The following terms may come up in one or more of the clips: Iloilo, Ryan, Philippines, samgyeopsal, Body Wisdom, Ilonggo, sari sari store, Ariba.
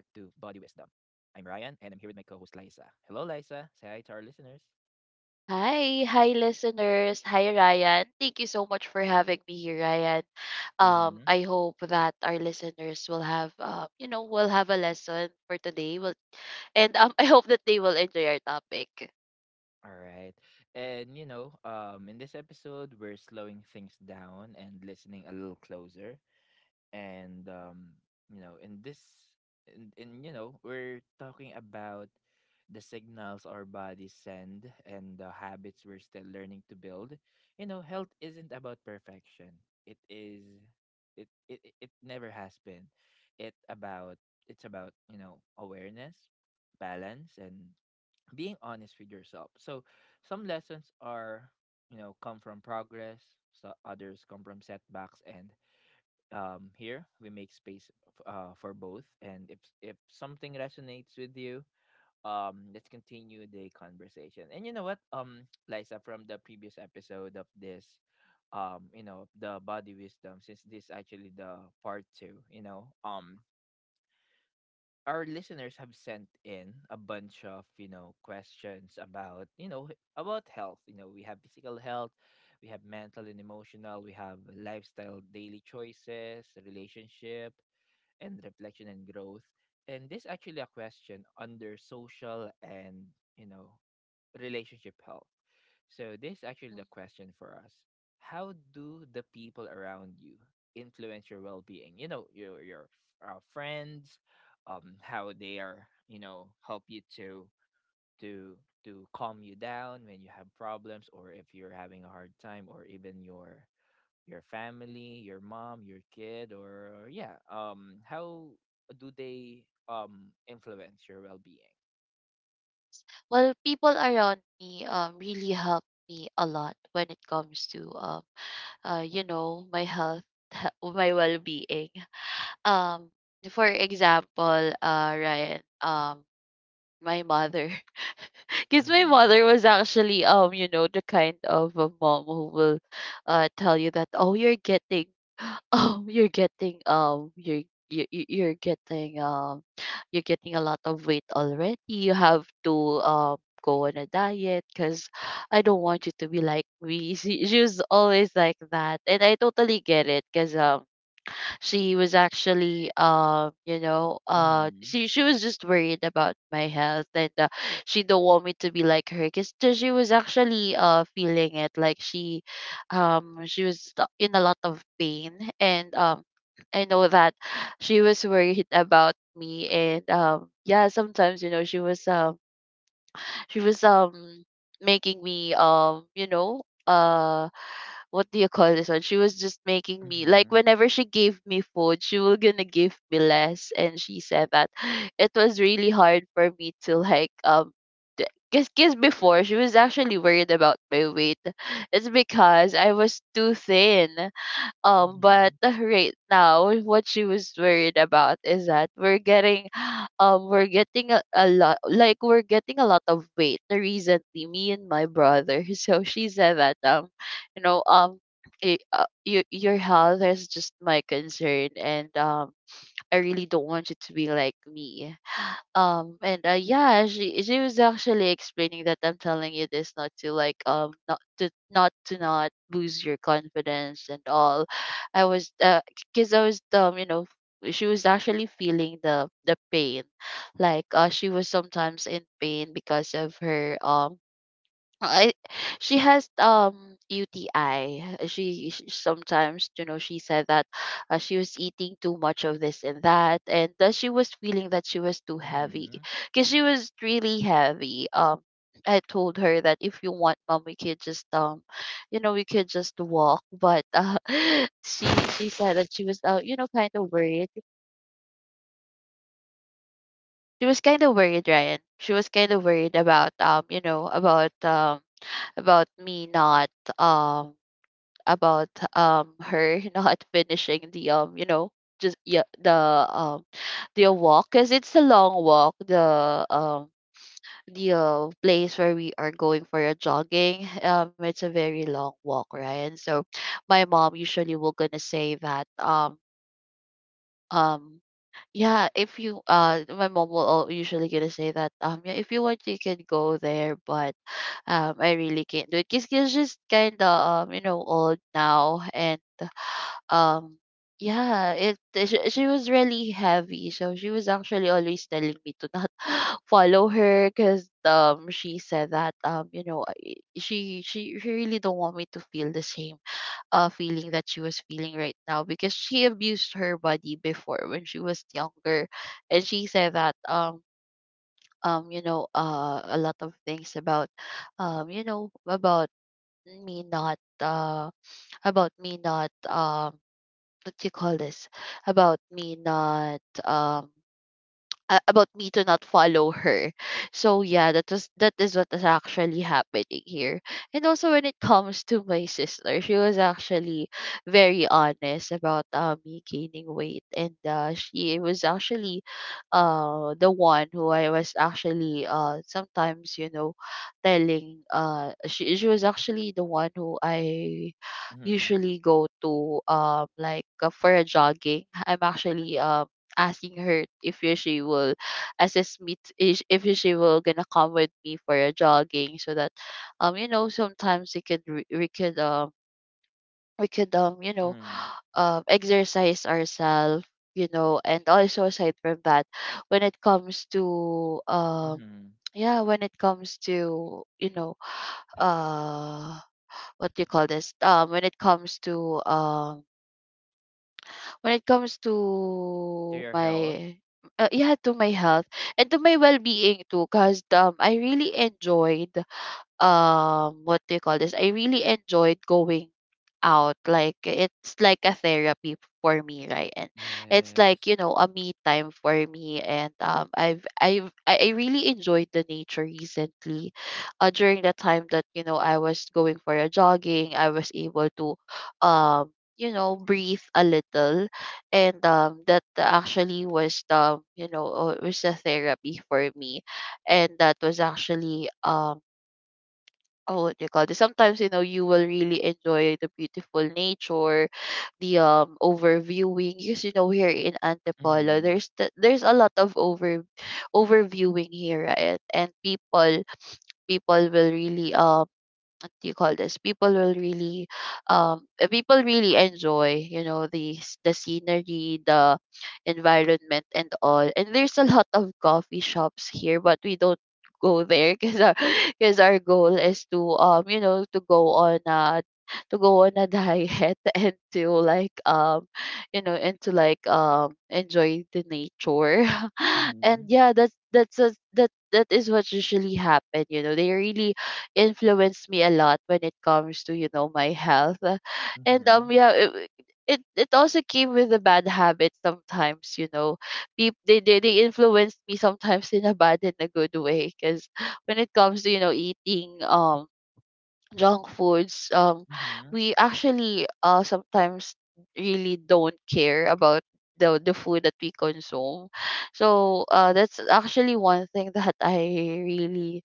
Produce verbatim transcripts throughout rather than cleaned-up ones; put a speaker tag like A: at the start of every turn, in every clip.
A: I'm Ryan and I'm here with my co host Liza. Hello, Liza. Say hi to our listeners.
B: Hi, hi listeners. Hi Ryan. Thank you so much for having me here, Ryan. Um
A: Mm-hmm.
B: I hope that our listeners will have uh, you know, will have a lesson for today. Will and um I hope that they will enjoy our topic.
A: All right. And, you know, um, in this episode, we're slowing things down and listening a little closer. And um you know in this and, and you know we're talking about the signals our bodies send and the habits we're still learning to build. You know, health isn't about perfection. it is it it, it it never has been. it about it's about, you know, awareness, balance, and being honest with yourself. So some lessons are, you know, come from progress, so others come from setbacks. And um here we make space f- uh for both, and if if something resonates with you, um let's continue the conversation. And you know what, um Liza, from the previous episode of this, um you know, the Body Wisdom, since this actually the part two, you know, um our listeners have sent in a bunch of, you know, questions about, you know, about health. You know, we have physical health, we have mental and emotional, we have lifestyle, daily choices, relationship, and reflection and growth. And this actually a question under social and, you know, relationship health. So this is actually
B: Mm.
A: the question for us. How do the people around you influence your well-being? You know, your your uh, friends, um, how they are, you know, help you to to to calm you down when you have problems or if you're having a hard time, or even your your family, your mom, your kid, or yeah, um, how do they um influence your well-being?
B: Well, people around me um really help me a lot when it comes to um uh, you know, my health, my well-being. Um, for example, uh, Ryan, um, my mother. Because my
A: Mm-hmm.
B: mother was actually um you know the kind of a mom who will uh tell you that oh you're getting oh you're getting um you're you, you- you're getting um you're getting a lot of weight already. You have to um go on a diet because I don't want you to be like me. She, she was always like that and I totally get it because um she was actually um you know uh
A: Mm-hmm.
B: she, she was just worried about my health, and uh, she don't want me to be like her because she was actually uh feeling it like she um she was th- in a lot of pain, and um I know that she was worried about me. And um yeah, sometimes you know she was um she was um making me um you know uh what do you call this one? She was just making me like, whenever she gave me food, she was gonna give me less, and she said that it was really hard for me to like um. Because cause 'cause before she was actually worried about my weight. It's because I was too thin. Um,
A: Mm-hmm.
B: but right now, what she was worried about is that we're getting, um, we're getting a, a lot, like we're getting a lot of weight recently. Me and my brother. So she said that, um, you know, um, y- uh, your your health is just my concern, and um, I really don't want you to be like me. Um, and uh, yeah, she she was actually explaining that I'm telling you this not to like um not to not to not lose your confidence and all. I was uh because I was um you know, she was actually feeling the the pain, like uh she was sometimes in pain because of her um I, she has um U T I. She, she sometimes, you know, she said that uh, she was eating too much of this and that, and that she was feeling that she was too
A: Mm-hmm.
B: heavy
A: Mm-hmm.
B: because she was really heavy. Um, I told her that if you want, mom, we could just um, you know, we could just walk. But uh, she she said that she was uh, you know, kind of worried. She was kind of worried, Ryan. She was kind of worried about um, you know, about um, about me not um about um her not finishing the um you know just yeah the um the walk, because it's a long walk. The um the uh, place where we are going for a jogging, um it's a very long walk, right? And so my mom usually will gonna say that um um yeah if you uh my mom will al- usually gonna say that um yeah, if you want you can go there, but um I really can't do it because she's just kind of um you know old now. And um, yeah, it she, she was really heavy, so she was actually always telling me to not follow her because um she said that um you know I- she she she really don't want me to feel the same uh feeling that she was feeling right now because she abused her body before when she was younger. And she said that um um you know uh a lot of things about um you know about me not uh about me not um what do you call this about me not um uh, about me to not follow her. So yeah, that was that is what is actually happening here. And also when it comes to my sister, she was actually very honest about uh, me gaining weight, and uh, she was actually uh the one who I was actually uh sometimes you know telling uh she she was actually the one who I
A: Mm-hmm.
B: usually go to um like uh, for a jogging. I'm actually um asking her if she will assist me t- if if she will gonna come with me for a jogging, so that um you know sometimes we could re- we could um we could um you know
A: Mm-hmm.
B: um exercise ourselves, you know. And also aside from that, when it comes to um
A: Mm-hmm.
B: yeah, when it comes to you know uh what do you call this um when it comes to um When it comes
A: To
B: to
A: your health.
B: my uh, yeah, to my health and to my well-being too, because um I really enjoyed um what do you call this? I really enjoyed going out. Like it's like a therapy for me, right? And it's
A: Yes.
B: like, you know, a me time for me. And um I've I've I I really enjoyed the nature recently. Uh during the time that, you know, I was going for a jogging, I was able to um you know breathe a little. And um that actually was the you know uh, was a therapy for me. And that was actually um oh what do you call this, sometimes you know you will really enjoy the beautiful nature, the um overviewing, because you know here in Antipolo
A: Mm-hmm.
B: there's the, there's a lot of over overviewing here, right? And people people will really um what do you call this, people will really um uh, people really enjoy, you know, the s- the scenery, the environment and all. And there's a lot of coffee shops here, but we don't go there because our because our goal is to um you know to go on a to go on a diet and to like um you know and to like um enjoy the nature
A: Mm-hmm.
B: and yeah, that's that's a, that that is what usually happen, you know. They really influenced me a lot when it comes to you know my health. And
A: Mm-hmm.
B: um yeah, it, it it also came with a bad habit sometimes, you know. People they, they they influenced me sometimes in a bad and a good way because when it comes to you know eating um junk foods, um
A: Mm-hmm.
B: we actually uh sometimes really don't care about the the food that we consume. So uh that's actually one thing that I really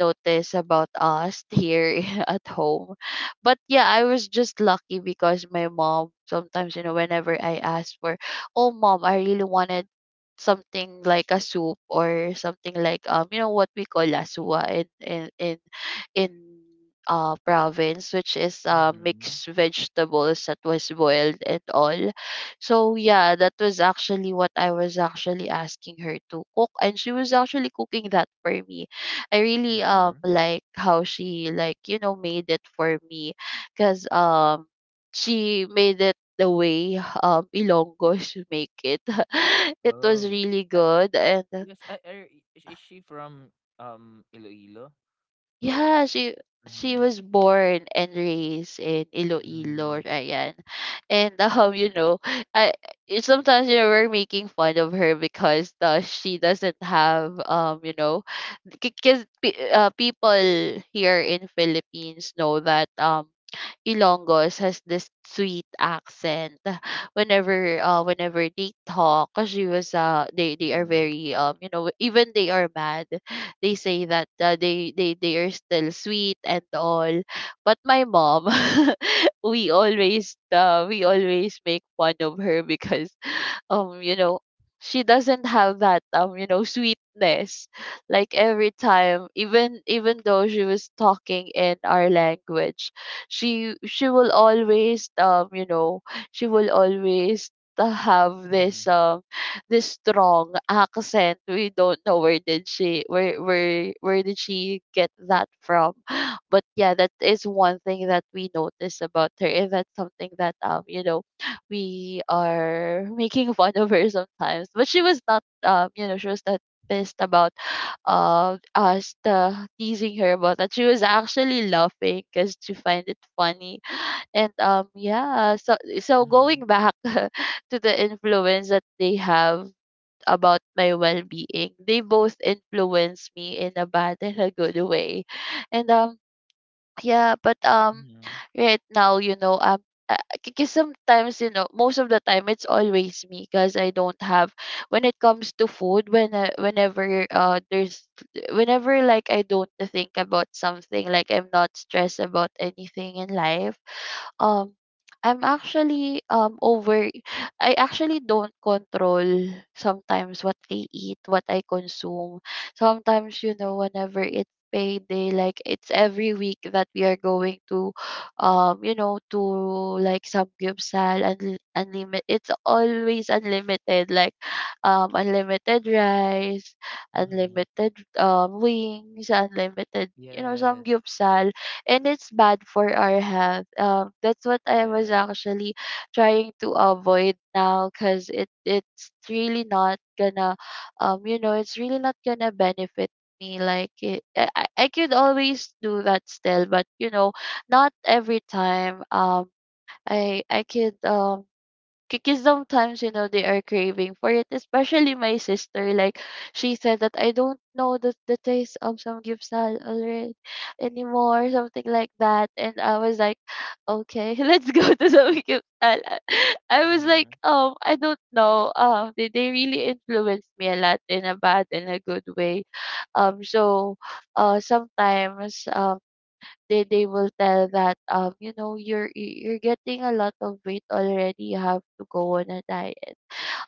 B: notice about us here at home. But yeah, I was just lucky because my mom sometimes, you know, whenever I ask for, oh mom, I really wanted something like a soup or something, like um you know what we call lasua in in in in uh province, which is uh
A: Mm-hmm.
B: mixed vegetables that was boiled and all. So yeah, that was actually what I was actually asking her to cook, and she was actually cooking that for me. I really
A: Mm-hmm.
B: um like how she like, you know, made it for me because um she made it the way um Ilonggos make it. It was
A: Oh.
B: really
A: Uh, i-
B: good. And
A: yes. Uh, er, i- is is she from um Iloilo or?
B: yeah, she she
A: Mm-hmm.
B: was born and raised in
A: Mm-hmm.
B: Iloilo, Ryan. And um, you know, I it- sometimes you know we're making fun of her because uh, she doesn't have um, you know, because uh, people here in Philippines know that um Ilongos has this sweet accent. Whenever uh whenever they talk, she was uh they they are very um you know, even they are mad, they say that uh, they they they are still sweet and all. But my mom, we always uh, we always make fun of her because um you know she doesn't have that um you know sweetness. Like every time, even even though she was talking in our language, she she will always um you know she will always uh, have this
A: Mm-hmm.
B: um this strong accent. We don't know where did she where where where did she get that from. But yeah, that is one thing that we notice about her, and that's something that um you know we are making fun of her sometimes. But she was not, um, you know, she was not pissed about uh, us uh, teasing her about that. She was actually laughing because she find it funny. And um, yeah, so so
A: Mhm,
B: going back to the influence that they have about my well-being, they both influence me in a bad and a good way. And um, yeah, but um,
A: mhm,
B: right now, you know, um, because sometimes, you know, most of the time, it's always me because I don't have. When it comes to food, when uh, whenever uh, there's, whenever like I don't think about something, like I'm not stressed about anything in life um I'm actually um over I actually don't control sometimes what I eat, what I consume. Sometimes, you know, whenever it's payday, like it's every week that we are going to um, you know, to like samgyeopsal and unlimited, it's always unlimited, like um unlimited rice,
A: mhm.
B: unlimited um wings, unlimited, you know,
A: Yes,
B: samgyeopsal, and it's bad for our health. Um, that's what I was
A: yes.
B: actually trying to avoid now because it it's really not gonna, um, you know, it's really not gonna benefit me. Like it, I I I could always do that still, but you know, not every time. Um, I I could um because sometimes you know they are craving for it, especially my sister. Like she said that I don't know the, the taste of some gypsal already anymore, something like that, and I was like okay let's go to some gypsal. I I was like,
A: Mhm,
B: um I don't know, um they, they really influenced me a lot in a bad and a good way. um so uh Sometimes um they they will tell that, um you know, you're y- you're getting a lot of weight already, you have to go on a diet.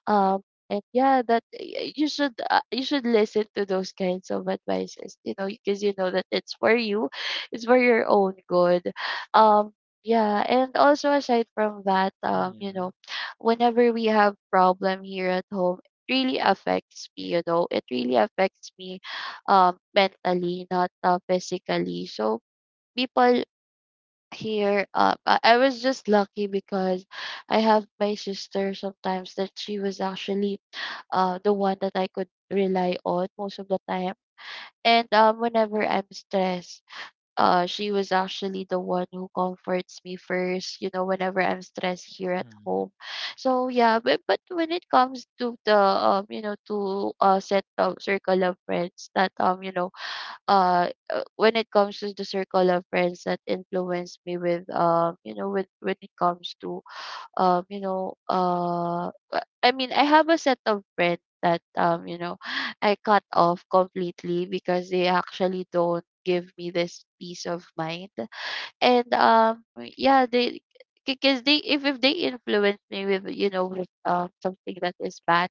B: um and yeah, that y- you should uh, you should listen to those kinds of advices, you know, because you know that it's for you, it's for your own good. um yeah, and also aside from that, um you know,
A: mhm,
B: whenever we have problem here at home, it really affects me, you know, it really affects me, um mentally, not uh, physically. So people here up. I, I was just lucky because I have my sister sometimes, that she was actually uh the one that I could rely on most of the time. And um whenever I'm stressed, uh she was actually the one who comforts me first, you know, whenever I'm stressed here at
A: mhm,
B: home. So yeah, but, but when it comes to the, um, you know, to uh set of circle of friends that, um, you know, uh uh, when it comes to the circle of friends that influence me with, um you know, with, when it comes to um you know, uh uh, I mean, I have a set of friends that, um you know, I cut off completely because they actually don't give me this peace of mind. And um yeah they Because they if, if they influence me with, you know, with um something that is bad,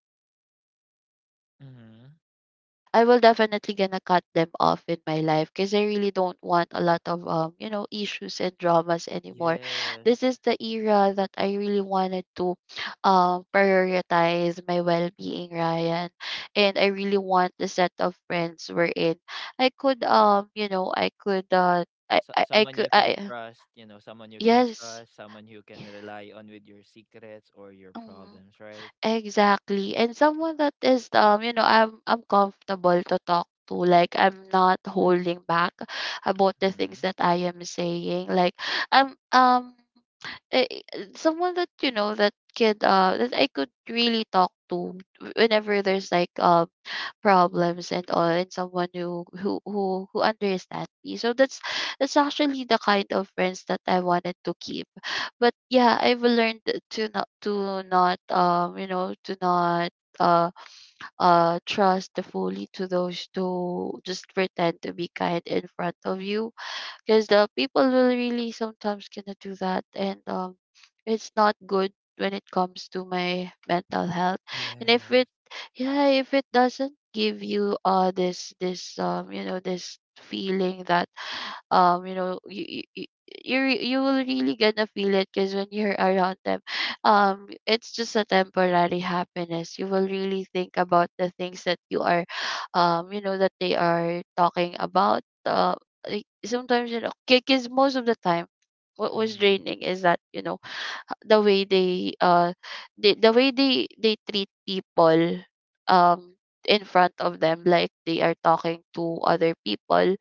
A: mhm.
B: I will definitely gonna cut them off in my life because I really don't want a lot of, um you know, issues and dramas anymore.
A: Yes.
B: This is the era that I really wanted to um prioritize my well being, Ryan, and I really want the set of friends we're in. I could, um you know, I could uh I
A: So
B: I, I
A: someone
B: could
A: you can
B: I.
A: trust, you know, someone you can
B: Yes.
A: trust, someone you
B: Yeah.
A: can rely on with your secrets or your
B: Mm.
A: problems, right?
B: Exactly. And someone that is, um, you know, I'm I'm comfortable to talk to. Like I'm not holding back about the things
A: Mhm.
B: that I am saying. Like I'm um eh, eh, someone that, you know, that could uh that I could really talk to whenever there's like um problems and all, and someone who who who who understands me. So that's that's actually the kind of friends that I wanted to keep. But yeah, I've learned to not to not, um you know, to not uh uh trust fully to those who just pretend to be kind in front of you, because the people will really sometimes gonna do that. And um it's not good when it comes to my mental health. And if
A: Yes.
B: it Yeah, if it doesn't give you uh this this, um you know, this feeling that, um you know, you you, you, re- you will really gonna feel it, because when you're around them, um it's just a temporary happiness. You will really think about the things that you are, um you know, that they are talking about. Um like sometimes, you know, because most of the time, what was
A: Mhm,
B: draining is that, you know, h- the way they uh they, the way they they treat people, um in front of them, like they are talking to other people,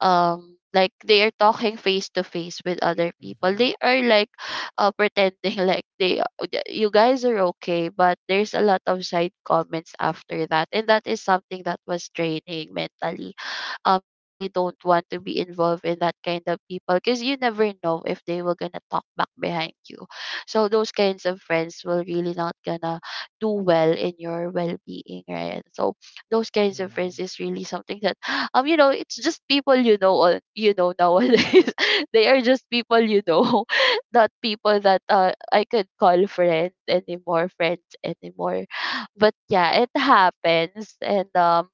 B: um like they are talking face to face with other people,
A: mhm,
B: they are like uh, pretending like they, uh, you guys are okay, but there's a lot of side comments after that, and that is something that was draining mentally. Um you really don't want to be involved in that kind of people because you never know if they were gonna talk back behind you. So those kinds of friends will really not gonna do well in your well-being, right? So those kinds of friends
A: mhm,
B: is really something that um you know, it's just people, you know, on you know, nowadays they are just people, you know, not people that, uh, I could call friend anymore, friends anymore. But yeah, it happens. And um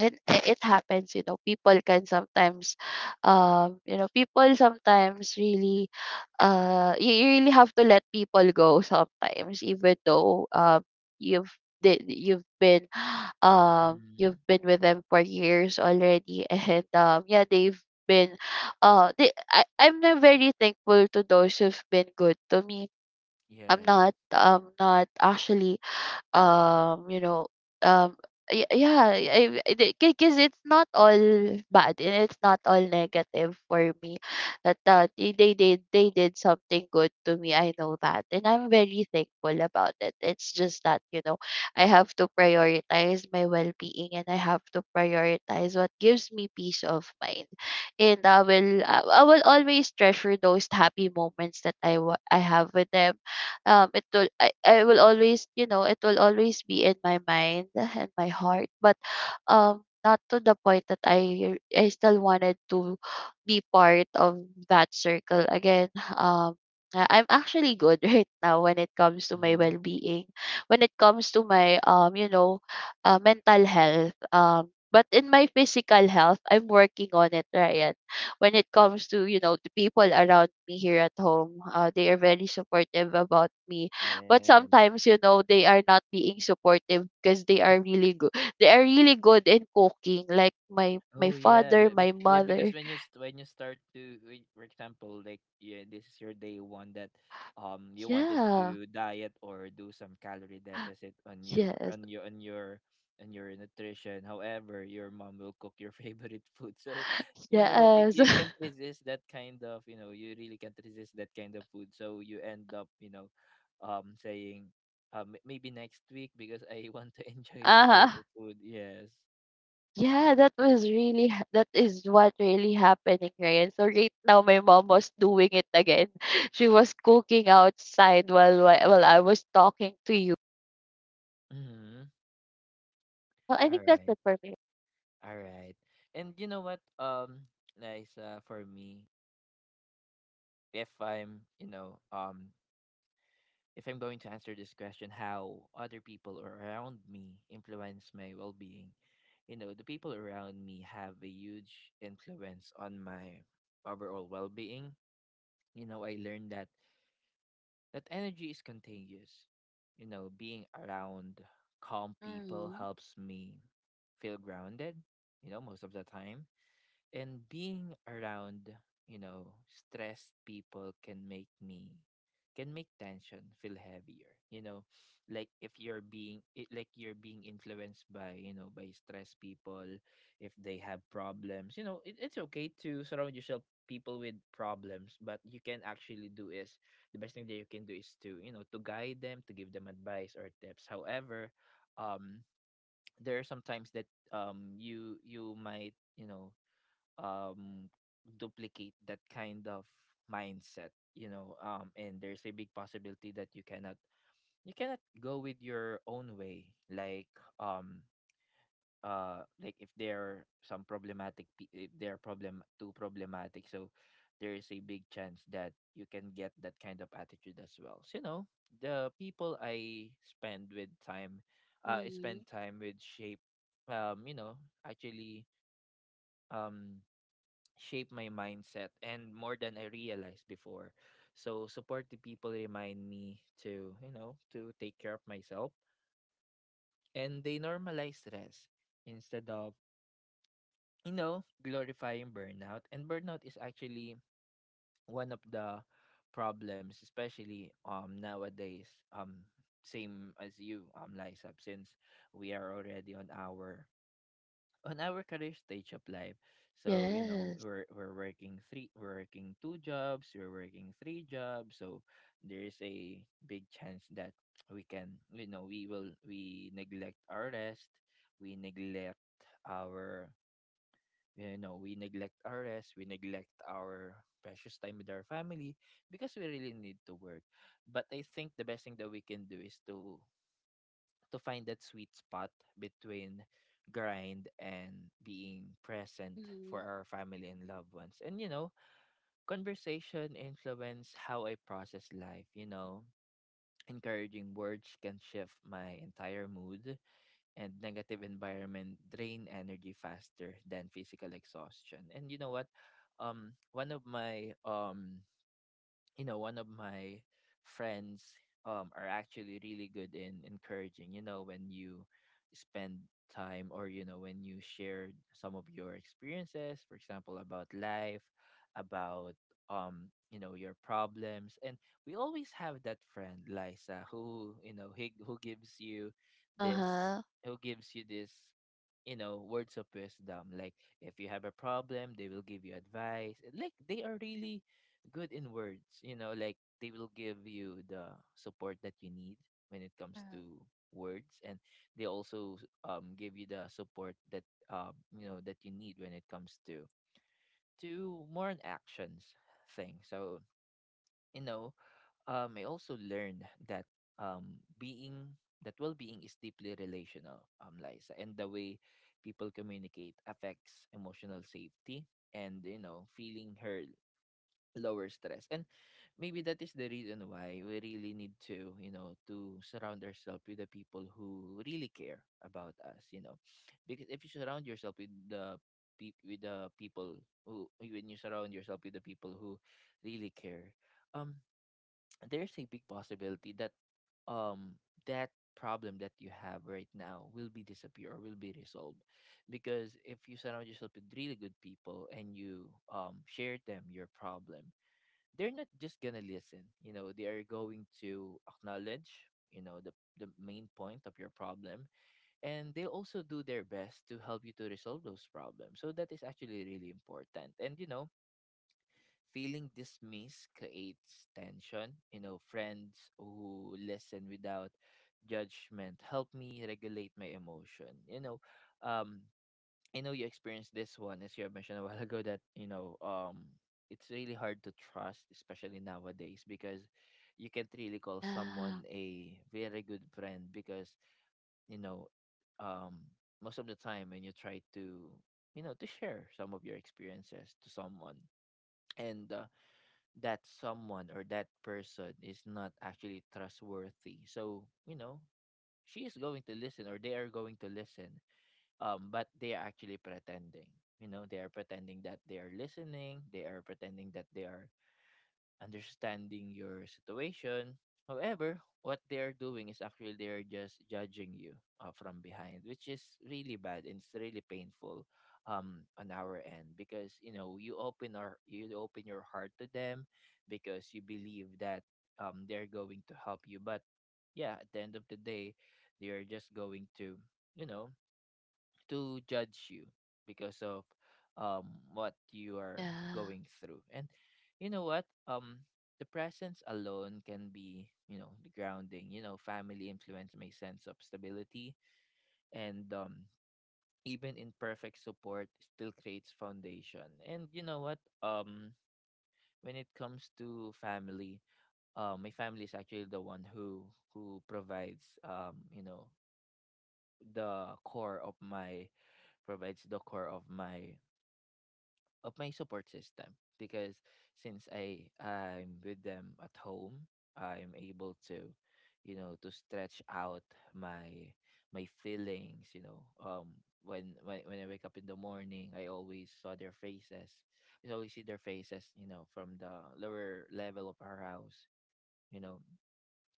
B: it it happens, you know. People can sometimes, um you know, people sometimes really uh you, you really have to let people go sometimes, even though, um you've did you've been um
A: mhm.
B: you've been with them for years already and um yeah, they've been uh they, I, I'm not very thankful to those who've been good to me. I'm
A: Yes.
B: not, um not actually, um you know, um y- yeah, because it's not all bad and it's not all negative for me, that uh, they they did they did something good to me. I know that, and I'm very thankful about it. It's just that, you know, I have to prioritize my well-being, and I have to prioritize what gives me peace of mind. And i will i I will always treasure those happy moments that i wa- i have with them. Um it will, I, I will always, you know, it will always be in my mind and my heart. But um not to the point that i i still wanted to be part of that circle again. um I- I'm actually good right now when it comes to my
A: Mhm.
B: well-being, when it comes to my, um you know, uh, mental health. Um, but in my physical health, I'm working on it, right? When it comes to, you know, the people around me here at home, uh, they are very supportive about me. But
A: Yes.
B: sometimes, you know, they are not being supportive because they are really good. They are really good in cooking, like my my
A: Oh yeah,
B: father,
A: but, but
B: my
A: yeah, because
B: mother.
A: when you st- when you start to, when- for example, like yeah, this is your day one that, um, you wanted
B: Yeah.
A: to diet or do some calorie deficit on your
B: Yes.
A: on your on your on your nutrition. However, your mom will cook your favorite food, so you know y-
B: Yes.
A: you can't resist that kind of, you know, you really can't resist that kind of food. So you end up, you know, um, saying, um, maybe next week because I want to enjoy this type
B: Uh-huh.
A: of food. Yes.
B: Yeah, that was really ha- that is what really happening, right? So right now my mom was doing it again she was cooking outside while while while I was talking to you.
A: Mm-hmm.
B: Well, I think that's
A: All
B: it for me.
A: All right. And you know what? Um, nice uh, for me. If I'm, you know, um, if I'm going to answer this question, how other people around me influence my well-being, you know, the people around me have a huge influence on my overall well-being. You know, I learned that that energy is contagious. You know, being around calm people
B: Mhm.
A: helps me feel grounded. You know, most of the time, and being around, you know, stressed people can make me, can make tension feel heavier. You know, like if you're being it, like you're being influenced by, you know, by stressed people, if they have problems, you know, it, it's okay to surround yourself people with problems. But you can actually do is the best thing that you can do is to, you know, to guide them, to give them advice or tips. However, um there are some times that um you you might, you know, um duplicate that kind of mindset, you know. Um and there's a big possibility that you cannot you cannot go with your own way, like um uh like if there are some problematic pe- if they're problem too problematic. So there is a big chance that you can get that kind of attitude as well. So you know, the people i spend with time uh I spend
B: Mhm.
A: time with shape, um you know, actually, um shape my mindset and more than I realized before. So supportive people remind me to, you know, to take care of myself, and they normalize stress instead of, you know, glorifying burnout. And burnout is actually one of the problems, especially um nowadays. Um Same as you, um Lysab, since we are already on our on our career stage of life. So, you know,
B: Yes.
A: we're we're working three we're working two jobs, we're working three jobs. So there's a big chance that we can, you know, we will we neglect our rest, we neglect our, you know, we neglect our rest, we neglect our precious time with our family because we really need to work. But I think the best thing that we can do is to to find that sweet spot between grind and being present for
B: Mhm.
A: our family and loved ones. And you know, conversation influence how I process life, you know. Encouraging words can shift my entire mood, and negative environment drain energy faster than physical exhaustion. And you know what? Um one of my um you know, one of my friends um are actually really good in encouraging. You know, when you spend time or, you know, when you share some of your experiences, for example, about life, about um you know, your problems. And we always have that friend Liza who, you know, he, who gives you this,
B: Uh-huh.
A: who gives you this you know, words of wisdom. Like, if you have a problem, they will give you advice. Like, they are really good in words, you know, like they will give you the support that you need when it comes
B: Mhm.
A: to words. And they also um give you the support that, um you know, that you need when it comes to to more on actions thing. So you know, um I also learned that, um being that well-being is deeply relational, um Liza, and the way people communicate affects emotional safety. And you know, feeling heard lower stress, and maybe that is the reason why we really need to, you know, to surround ourselves with the people who really care about us. You know, because if you surround yourself with the pe- with the people who, when you surround yourself with the people who really care, um there's a big possibility that um that problem that you have right now will be disappear or will be resolved. Because if you surround yourself with really good people, and you um share them your problem, they're not just gonna listen, you know, they are going to acknowledge, you know, the the main point of your problem. And they also do their best to help you to resolve those problems. So that is actually really important. And you know, feeling dismissed creates tension. You know, friends who listen without judgment help me regulate my emotion. You know, um I know you experienced this one, as you have mentioned a while ago, that you know, um, it's really hard to trust, especially nowadays, because you can't really call
B: Yeah.
A: someone a very good friend because you know, um, most of the time when you try to, you know, to share some of your experiences to someone, and uh, that someone or that person is not actually trustworthy, so you know, she is going to listen, or they are going to listen, um, but they are actually pretending. You know, they are pretending that they are listening. They are pretending that they are understanding your situation. However, what they are doing is actually they are just judging you uh, from behind, which is really bad and it's really painful um, on our end, because you know, you open our you open your heart to them because you believe that, um, they're going to help you. But yeah, at the end of the day, they are just going to, you know, to judge you because of um what you are
B: Yeah.
A: going through. And you know what, um the presence alone can be, you know, grounding. You know, family influence my sense of stability, and um even imperfect support still creates foundation. And you know what, um when it comes to family, uh my family is actually the one who who provides, um you know, the core of my, provides the core of my of my support system. Because since I I'm with them at home, I'm able to, you know, to stretch out my my feelings. You know, um, when when when I wake up in the morning, I always saw their faces. I always see their faces. You know, from the lower level of our house. You know,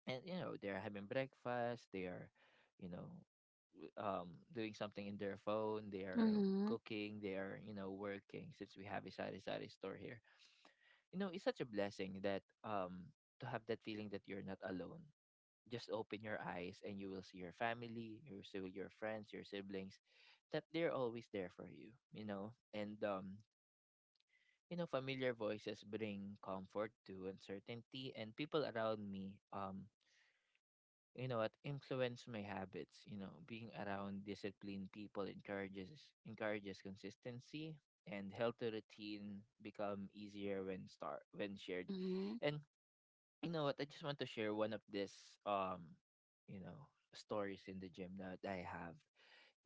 A: and you know they're having breakfast. They are you know w- um doing something in their phone. They are
B: Mhm.
A: cooking. They are, you know, working, since we have a sari sari store here. You know, it's such a blessing that um to have that feeling that you're not alone. Just open your eyes and you will see your family, you will see your friends, your siblings, that they're always there for you, you know. And um You know, familiar voices bring comfort to uncertainty, and people around me, um you know what, influence my habits. You know, being around disciplined people encourages encourages consistency, and healthy routine become easier when start when shared.
B: Mhm.
A: And you know what, I just want to share one of this um you know, stories in the gym that I have.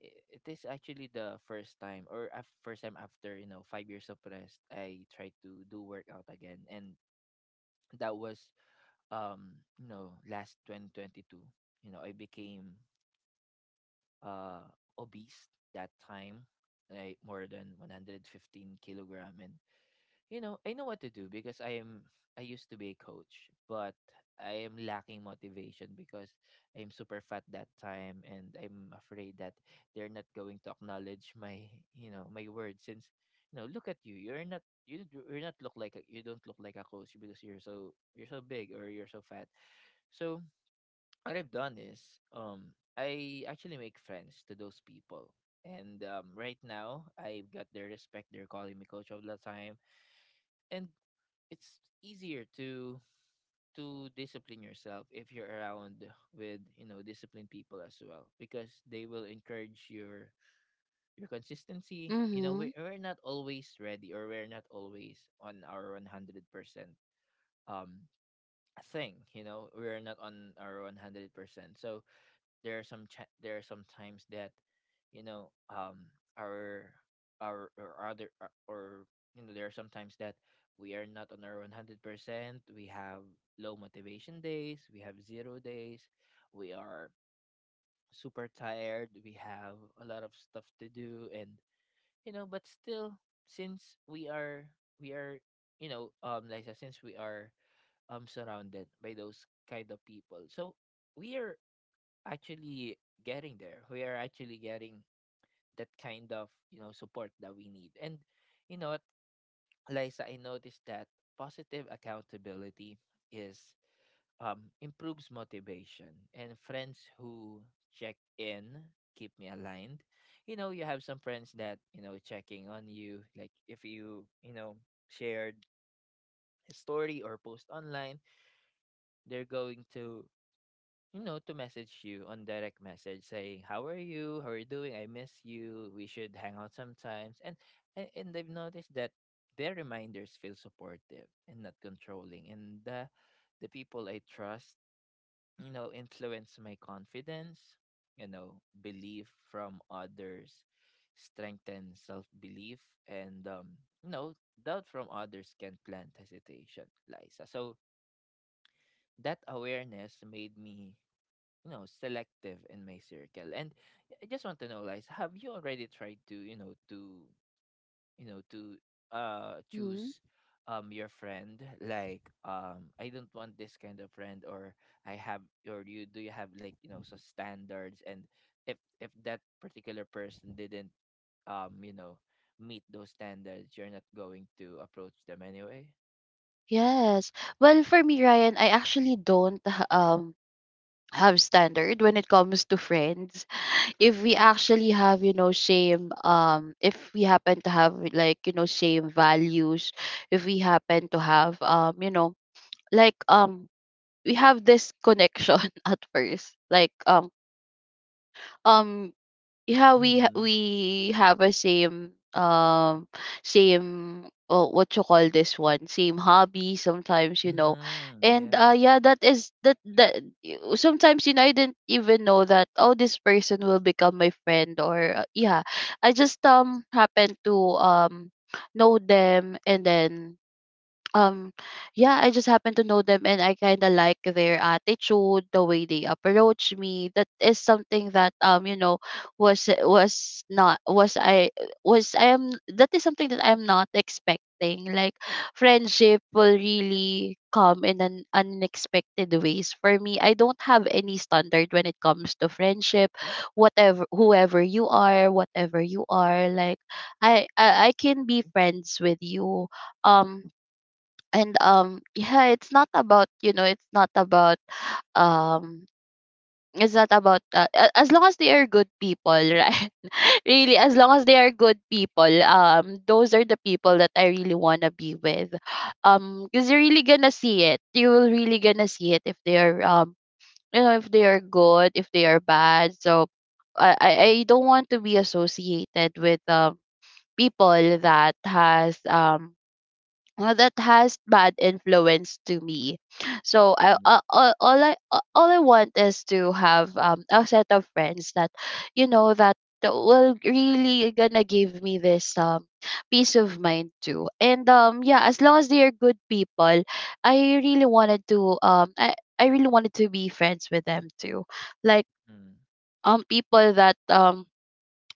A: I- it is actually the first time or af- first time after, you know, five years of rest, I tried to do workout again. And that was, um you know, last twenty twenty-two. You know, I became uh obese that time, like more than one hundred fifteen kilogram. And you know, I know what to do because I am, I used to be a coach, but I am lacking motivation because I'm super fat that time, and I'm afraid that they're not going to acknowledge my, you know, my words, since, you know, look at you, you're not, you d- you're not look like a, you don't look like a coach because you're so, you're so big or you're so fat. So what I've done is, um I actually make friends to those people. And um, right now, I've got their respect. They're calling me coach all the time, and it's easier to to discipline yourself if you're around with, you know, disciplined people as well, because they will encourage your your consistency. You know, we
B: Mhm.
A: we're not always ready, or we're not always on our one hundred percent um thing. You know, we're not on our one hundred percent. So there are some cha- there are some times that, you know, um our our or other or or, you know, there are sometimes that we are not on our one hundred percent. We have low motivation days, we have zero days, we are super tired, we have a lot of stuff to do. And you know, but still, since we are we are you know, um Liza, since we are um surrounded by those kind of people, so we are actually getting there. We are actually getting that kind of, you know, support that we need. And you know what, Liza, I noticed that positive accountability is, um improves motivation, and friends who check in keep me aligned. You know, you have some friends that, you know, checking on you, like if you, you know, shared a story or post online, they're going to, you know, to message you on direct message saying, how are you? How are you doing? I miss you. We should hang out sometimes. And and, and I've noticed that their reminders feel supportive and not controlling. And the the people I trust, you know, influence my confidence, you know, belief from others strengthen self belief. And um You know, doubt from others can plant hesitation, Liza. So that awareness made me, you know, selective in my circle. And I just want to know, guys, have you already tried to, you know, to you know to uh
B: Mhm.
A: choose um your friend, like, um, I don't want this kind of friend, or I have, or you, do you have like, you know, so standards, and if if that particular person didn't, um you know, meet those standards, you're not going to approach them anyway?
B: Yes. Well, for me, Ryan, I actually don't h- um have standard when it comes to friends. If we actually have, you know, same um if we happen to have like, you know, same values, if we happen to have, um, you know, like um we have this connection at first, like um um yeah, we ha-
A: mm-hmm.
B: we have a same, um same, oh, what you call this one, same hobby sometimes, you know.
A: Mm-hmm.
B: And uh
A: Yeah.
B: yeah, that is that that, y- sometimes, you know, I didn't even know that, oh, this person will become my friend. Or uh, yeah, I just um happened to um know them, and then, um yeah, I just happen to know them, and I kind of like their attitude, the way they approach me. That is something that, um you know, was was not was i was I am, that is something that I'm not expecting, like friendship will really come in an unexpected ways for me. I don't have any standard when it comes to friendship. Whatever, whoever you are, whatever you are, like i i, I can be friends with you. um and um yeah, it's not about, you know, it's not about, um it's not about, uh, a- as long as they are good people, right? Really, as long as they are good people, um those are the people that I really want to be with, um because you're really gonna see it, you will really gonna see it, if they are, um you know, if they are good, if they are bad. So i i, I don't want to be associated with, um people that has, um uh, that has bad influence to me. So I
A: mm-hmm.
B: uh, all, all I uh, all I want is to have, um a set of friends that, you know, that that will really gonna give me this, um peace of mind too. And um yeah, as long as they are good people, I really wanted to um I, I really wanted to be friends with them too. Like
A: Mm-hmm.
B: um people that um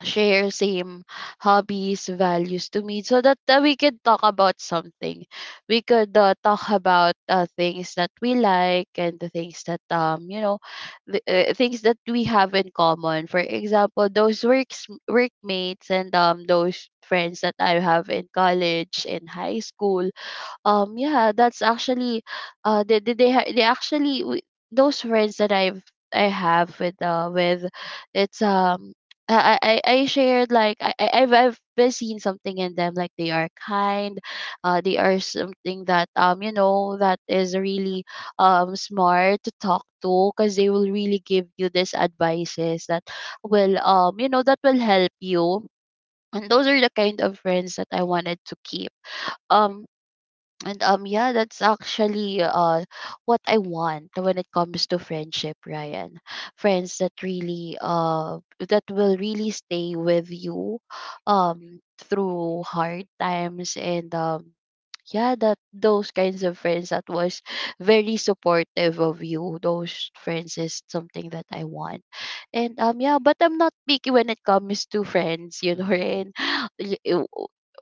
B: share same hobbies, values to me so that uh, we could talk about something. We could uh, talk about uh, things that we like and the things that, um, you know, the, uh, things that we have in common. For example, those works, workmates and um, those friends that I have in college, in high school, um, yeah, that's actually uh they they they, ha- they actually w- those friends that I've I have with uh with it's um I I, I I shared, like I I- I've I've been seeing something in them, like they are kind, uh they are something that um you know that is really um smart to talk to, because they will really give you these advices that will um you know that will help you. And those are the kind of friends that I wanted to keep. Um and um yeah, that's actually uh what I want when it comes to friendship, Ryan. Friends that really uh that will really stay with you um through hard times, and um yeah, that those kinds of friends that was very supportive of you, those friends is something that I want. And um yeah, but I'm not picky when it comes to friends, you know.
A: Mm-hmm.
B: And y- uh,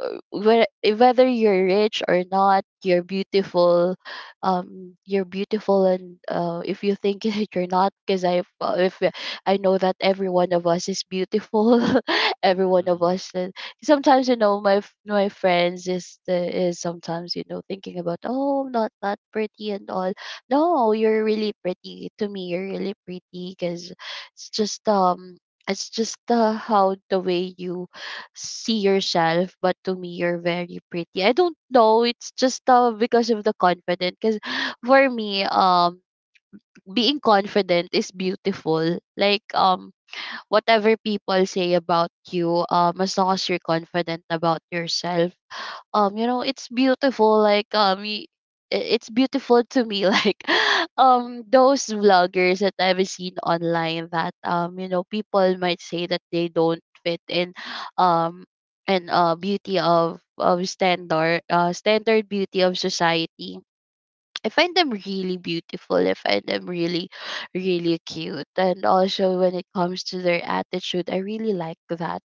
B: uh, whe- whether you're rich or not, you're beautiful. Um you're beautiful, and uh, if you think that you're not, because I uh, if I know that every one of us is beautiful. Every one of us, uh, sometimes, you know, my f- my friends is the is sometimes, you know, thinking about, oh, I'm not that pretty and all. No, you're really pretty to me. You're really pretty, because it's just um it's just uh, how the way you see yourself, but to me you're very pretty. I don't know, it's just uh, because of the confident, because for me um being confident is beautiful. Like um whatever people say about you, um, as long as you're confident about yourself, um, you know, it's beautiful. Like um, y- i- it's beautiful to me. Like um, those vloggers that I've seen online that, um, you know, people might say that they don't fit in, um, and uh, beauty of of standard, uh standard beauty of society. I find them really beautiful. I find them really, really cute. And also when it comes to their attitude, I really like that.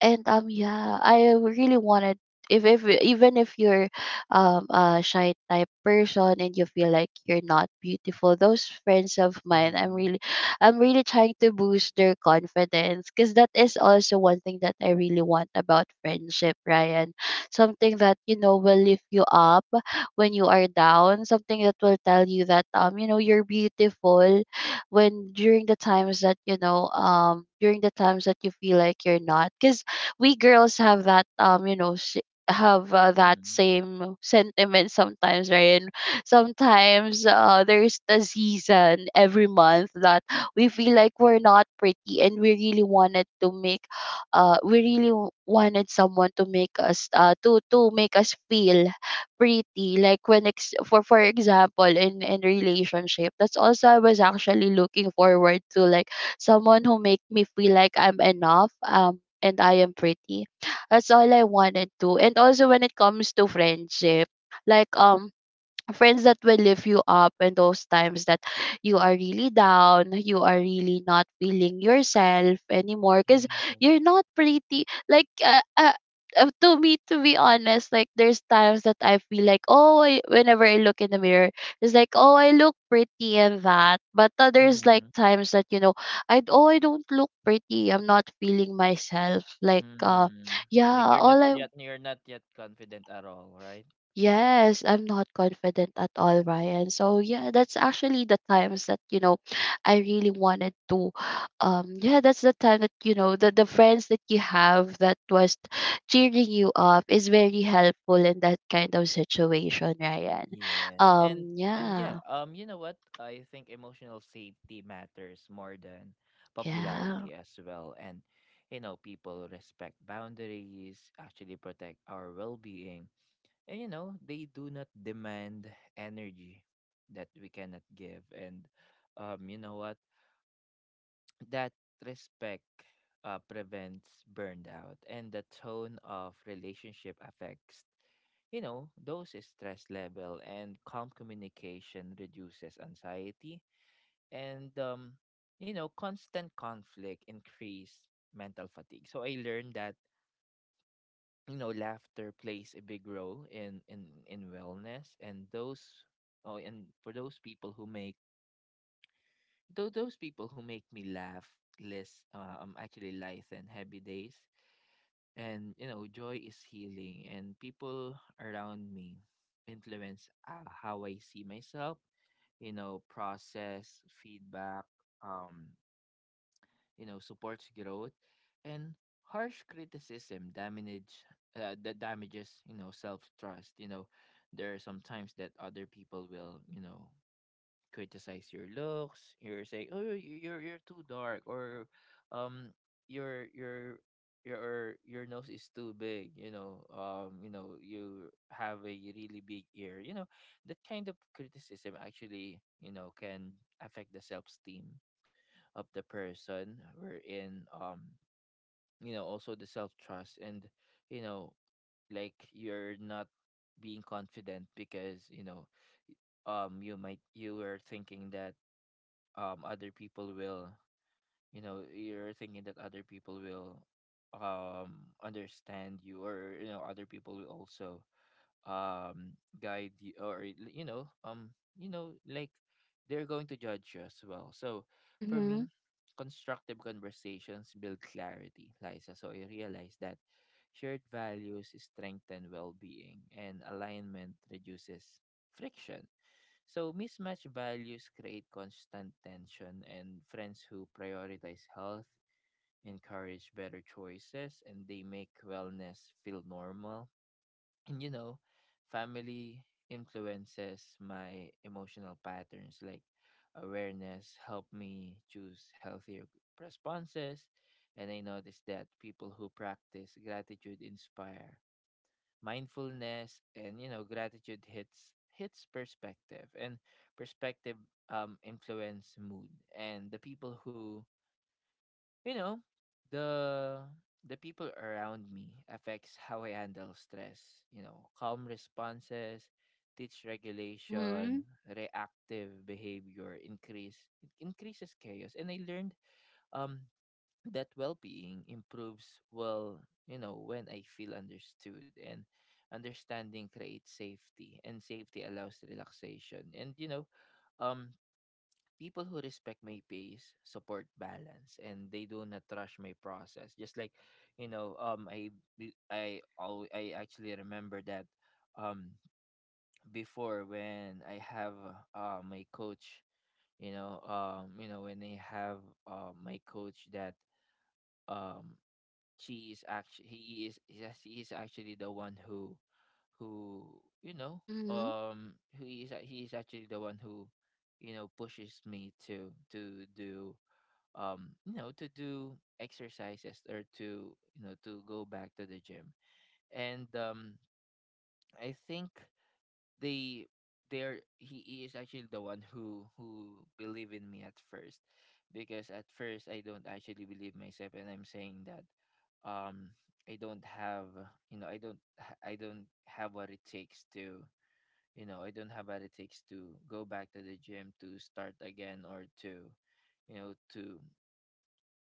B: And um yeah, I really wanted, if if even if you're um a shy type person and you feel like you're not beautiful, those friends of mine, i'm really I'm really trying to boost their confidence, because that is also one thing that I really want about friendship, Ryan. Something that, you know, will lift you up when you are down, something that will tell you that um you know you're beautiful when during the times that you know, um during the times that you feel like you're not, because we girls have that, um you know sh- have uh, that
A: Mm-hmm.
B: same sentiment sometimes, right? And sometimes, uh, there's the season every month that we feel like we're not pretty, and we really wanted to make, uh we really w- wanted someone to make us, uh to to make us feel pretty. Like when ex- for for example in in relationship, that's also I was actually looking forward to, like someone who make me feel like I'm enough, um and I am pretty. That's all I wanted to. And also when it comes to friendship, like um friends that will lift you up in those times that you are really down, you are really not feeling yourself anymore because
A: Yes.
B: you're not pretty. Like, uh, uh, uh, to me, to be honest, like there's times that I feel like, oh, I, whenever I look in the mirror, it's like, oh, I look pretty and that. But others, like,
A: Mhm.
B: times that, you know, I d- oh, I don't look pretty. I'm not feeling myself. Like, uh,
A: Mm.
B: yeah,
A: Like you're not
B: all I
A: yet, you're not yet confident at all, right?
B: yes, I'm not confident at all, Ryan. So yeah, that's actually the times that, you know, I really wanted to, um yeah, that's the time that, you know, the, the friends that you have that was cheering you up is very helpful in that kind of situation, Ryan.
A: Yes. And
B: Um
A: and yeah,
B: yeah.
A: um you know what, I think emotional safety matters more than
B: Yeah.
A: popularity as well. And you know, people respect boundaries, actually protect our well-being. And you know, they do not demand energy that we cannot give. And um You know what, that respect uh, prevents burnout, and the tone of relationship affects, you know, those stress level, and calm communication reduces anxiety. And um You know, constant conflict increase mental fatigue. So I learned that, you know, laughter plays a big role in in in wellness, and those, oh, and for those people who make, Though those people who make me laugh less, uh, um actually light and happy days. And you know, joy is healing, and people around me influence, uh, how I see myself, you know, process, feedback, um, you know, supports growth. And harsh criticism damage, uh, that damages, you know, self-trust. You know, there are some times that other people will, you know, criticize your looks. You're saying, oh, you- you're you're too dark, or, um, your your your your nose is too big, you know, um you know, you have a really big ear, you know. That kind of criticism actually, you know, can affect the self-esteem of the person, wherein, um you know, also the self-trust. And you know, like, you're not being confident because, you know, um you might, you were thinking that, um other people will, you know, you're thinking that other people will, um understand you, or, you know, other people will also, um guide you, or, you know, um you know like, they're going to judge you as well. So for me,
B: Mhm.
A: constructive conversations build clarity, Liza. So I realized that shared values strengthen well-being, and alignment reduces friction. So mismatched values create constant tension, and friends who prioritize health encourage better choices, and they make wellness feel normal. And you know, family influences my emotional patterns. Like, awareness helped me choose healthier responses. And I noticed that people who practice gratitude inspire mindfulness. And you know, gratitude hits hits perspective, and perspective um influence mood. And the people who, you know, the the people around me affects how I handle stress. You know, calm responses teach regulation,
B: Mhm.
A: reactive behavior increase it increases chaos. And I learned um that well being improves well, you know, when I feel understood. And understanding creates safety, and safety allows relaxation. And you know, um people who respect my pace support balance, and they do not rush my process. Just like, you know, um I be- I al- I actually remember that, um before, when I have uh my coach, you know, um you know, when I have uh my coach that, um she is actually he is, yes, he is actually the one who who you know,
B: Mhm.
A: um who is he is actually the one who, you know, pushes me to to do, um you know, to do exercises, or to, you know, to go back to the gym. And um I think they there he, he is actually the one who who believe in me at first. Because at first I don't actually believe myself, and I'm saying that, um I don't have, you know, i don't ha- I don't have what it takes to, you know, I don't have what it takes to go back to the gym, to start again, or to, you know, to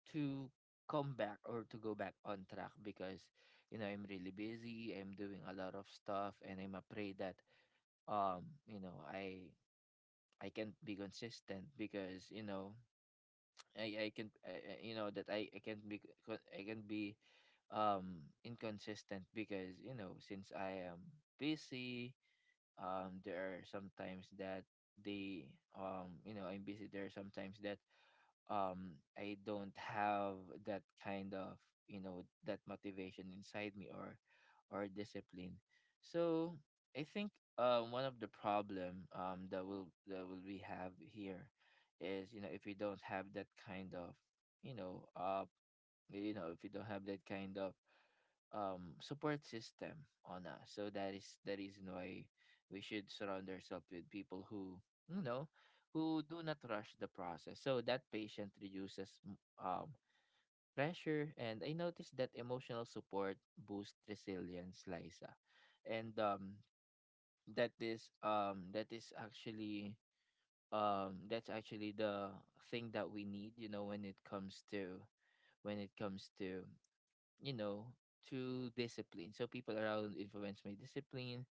A: to come back or to go back on track, because, you know, I'm really busy, I'm doing a lot of stuff, and I'm afraid that, um you know, I I can't be consistent, because, you know, I I can I, I- you know that I I can't be co- I can be, um inconsistent, because, you know, since I am busy, um there are sometimes that they um you know, I'm busy, there are sometimes that, um I don't have that kind of, you know, that motivation inside me, or or discipline. So I think, uh, one of the problem, um that will that will we have here is, you know, if you don't have that kind of, you know, uh you know if you don't have that kind of, um support system on us. So that is the reason why we should surround ourselves with people who, you know, who do not rush the process, so that patient reduces m- um pressure. And I noticed that emotional support boosts resilience, Liza. And um That is, um that is actually, um that's actually the thing that we need, you know, when it comes to, when it comes to you know, to discipline. So people around influence my discipline.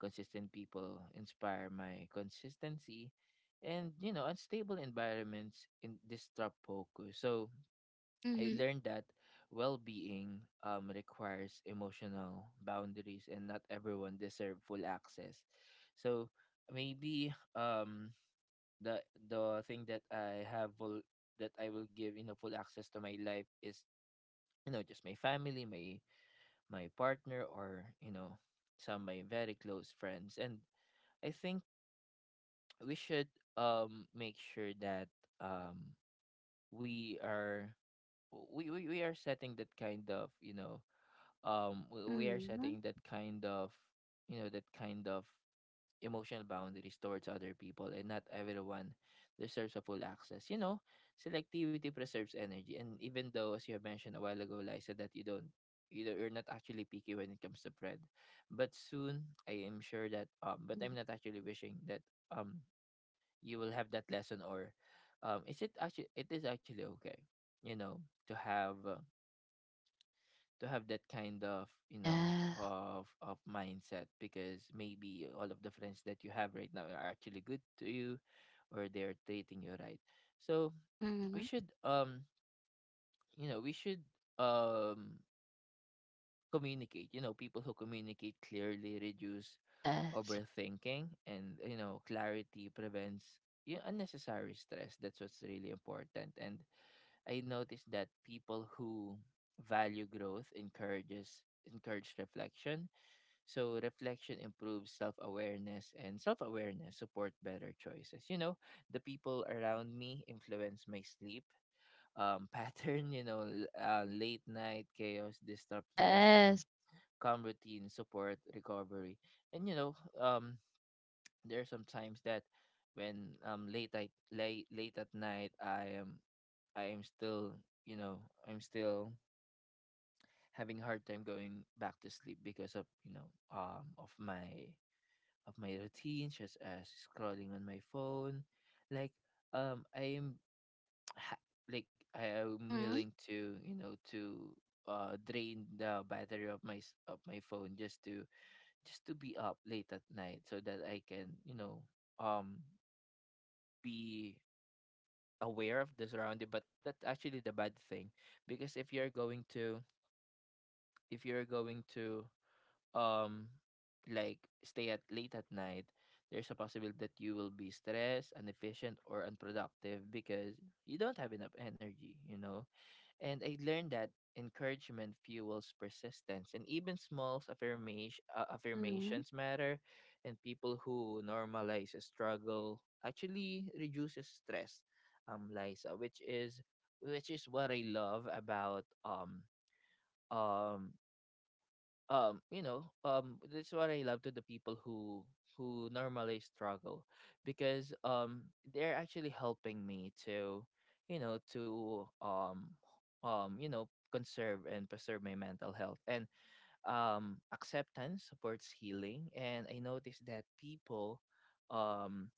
A: Consistent people inspire my consistency. And you know, unstable environments in disrupt focus. So I
B: Mhm.
A: learned that well-being, um, requires emotional boundaries, and not everyone deserve full access. So maybe, um, the the thing that I have will, that I will give, you know, full access to my life is, you know, just my family, my my partner, or, you know, some of my very close friends. And I think we should, um make sure that, um we are, we we, we are setting that kind of, you know, um we, we are
B: Mhm.
A: setting that kind of, you know, that kind of emotional boundaries towards other people, and not everyone deserves a full access. You know, selectivity preserves energy. And even though, as you have mentioned a while ago, Liza, that you don't, you know, you're not actually picky when it comes to bread. But soon I am sure that um, but
B: Mhm.
A: I'm not actually wishing that um you will have that lesson. Or um is it actually it is actually okay, you know, to have. Uh, to have that kind of you know
B: Yeah.
A: of of mindset, because maybe all of the friends that you have right now are actually good to you, or they're treating you right. So we
B: Mhm.
A: should um you know we should um communicate. You know people who communicate clearly reduce
B: Yes.
A: overthinking, and you know clarity prevents you know, unnecessary stress. That's what's really important. And I noticed that people who value growth encourages encourage reflection. So reflection improves self-awareness, and self-awareness support better choices. You know, the people around me influence my sleep um pattern, you know, l- uh, late night chaos disrupt rest, and
B: Yes.
A: calm routine support recovery. And you know, um there are some times that when um late at late late at night, I am I am still you know I'm still having a hard time going back to sleep because of you know um of my of my routine, such as scrolling on my phone. Like um I am ha- like I am
B: Mhm.
A: willing to you know to uh drain the battery of my s- of my phone, just to just to be up late at night so that I can you know um be aware of the surrounding. But that's actually the bad thing, because if you're going to if you're going to um like stay at late at night, there's a possibility that you will be stressed, inefficient, or unproductive because you don't have enough energy, you know and I learned that encouragement fuels persistence, and even small affirmation, uh,
B: Mhm.
A: affirmations matter. And people who normalize struggle actually reduces stress, um, Liza, which is which is what I love about um um um you know um that's what I love to the people who who normally struggle, because um they're actually helping me to you know to um um you know conserve and preserve my mental health. And um acceptance supports healing. And I noticed that people um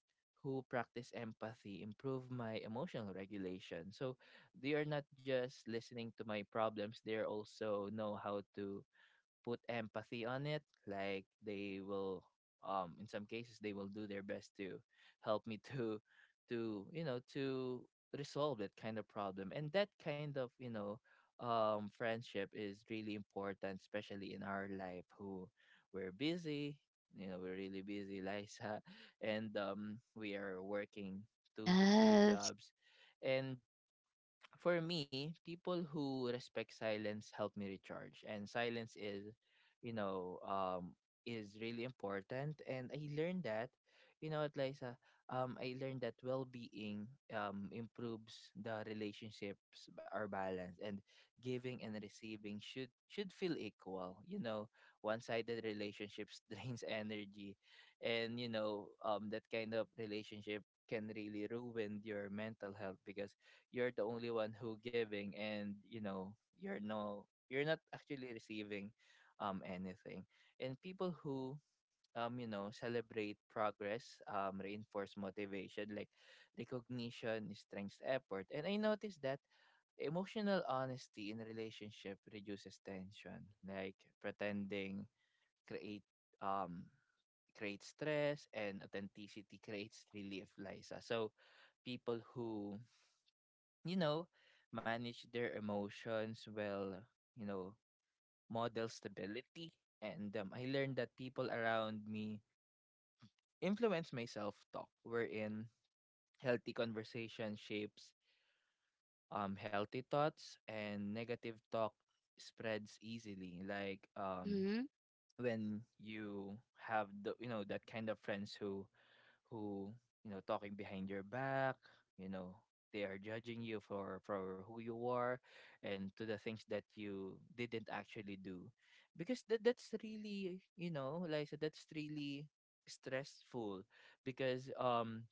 A: who practice empathy improve my emotional regulation. So they are not just listening to my problems, they're also know how to put empathy on it. Like they will um in some cases, they will do their best to help me to to you know to resolve that kind of problem. And that kind of you know um friendship is really important, especially in our life, who we're busy. You know we're really busy, Liza, and um we are working two to three
B: Yes.
A: jobs And for me, people who respect silence help me recharge. And silence is, you know, um, is really important. And I learned that, you know what, Liza, um, I learned that well-being um improves the relationships b- are balanced, and giving and receiving should should feel equal. You know, one-sided relationships drains energy. And you know, um, that kind of relationship can really ruin your mental health, because you're the only one who giving, and you know you're no you're not actually receiving um anything. And people who um you know celebrate progress um reinforce motivation. Like recognition strengths effort. And I noticed that emotional honesty in relationship reduces tension. Like pretending create um creates stress, and authenticity creates relief, Lisa. So people who you know, manage their emotions well, you know, model stability. And um, I learned that people around me influence my self talk, wherein healthy conversation shapes um, healthy thoughts, and negative talk spreads easily. Like um,
B: Mhm,
A: when you have the, you know, that kind of friends who who you know talking behind your back. you know they are judging you for for who you are, and to the things that you didn't actually do. Because that that's really you know like that's really stressful, because um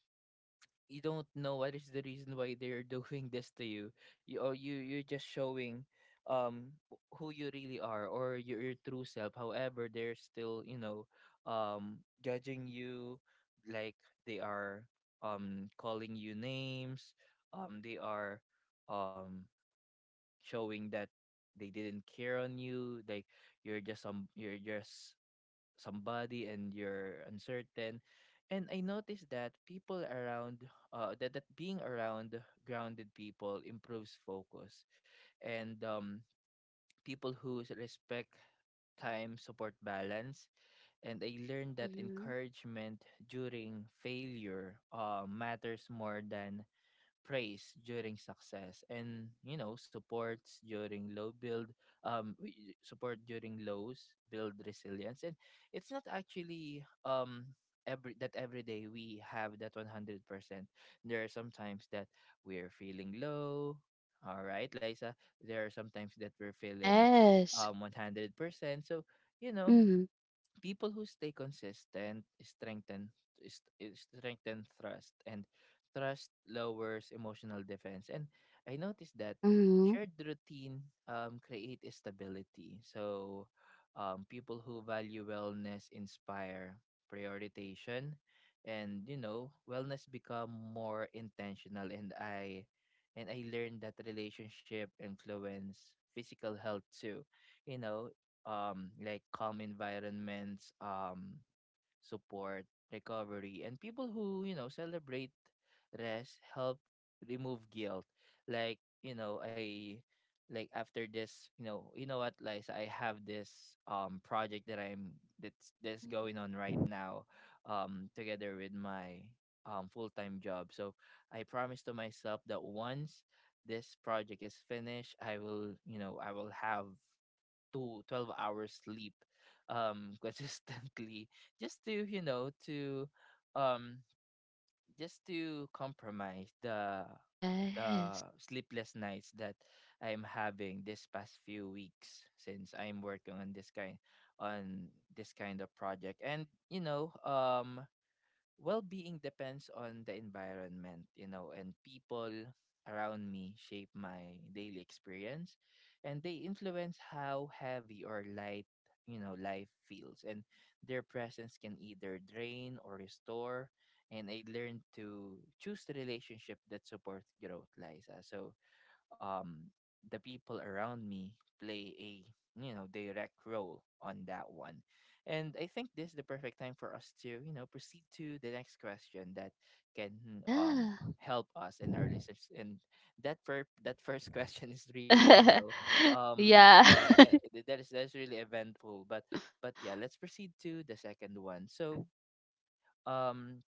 A: you don't know what is the reason why they're doing this to you. You or you you're just showing um wh- who you really are, or your, your true self. However, they're still, you know, um judging you, like they are um calling you names. Um they are um showing that they didn't care on you. Like you're just um, you're just somebody and you're uncertain. And I noticed that people around, uh, that, that being around grounded people improves focus. And um, people who s- respect time support balance. And I learned that
B: mhm.
A: encouragement during failure uh, matters more than praise during success. And you know supports during low build um w- support during lows build resilience. And it's not actually um every that every day we have that one hundred percent. There are sometimes that we're feeling low, all right Liza. There are sometimes that we're feeling
B: Yes.
A: um one hundred percent. So you know
B: Mhm,
A: people who stay consistent strengthen is- is strengthen trust, and trust lowers emotional defense. And I noticed that
B: mhm.
A: shared routine um create stability. So um people who value wellness inspire prioritization, and you know wellness become more intentional. And I and i learned that relationship influence physical health too. you know um like calm environments, um support, recovery, and people who, you know, celebrate rest help remove guilt. Like, you know, I, like after this, you know, you know what, Liza, I have this um project that I'm that's that's going on right now, um, together with my um full time job. So I promised to myself that once this project is finished, I will, you know, I will have to twelve hours sleep um consistently, just to you know to um just to compromise the the
B: Yes.
A: sleepless nights that I'm having this past few weeks, since I'm working on this kind on this kind of project. And you know um well-being depends on the environment, you know and people around me shape my daily experience, and they influence how heavy or light you know life feels. And their presence can either drain or restore. And I learned to choose the relationship that supports growth, Liza. So um the people around me play a you know direct role on that one. And I think this is the perfect time for us to you know proceed to the next question that can um
B: Yeah.
A: help us and our listeners. And that fir- that first question is really you know um
B: Yeah.
A: um uh, th- that is that's really eventful, but but yeah, let's proceed to the second one. So um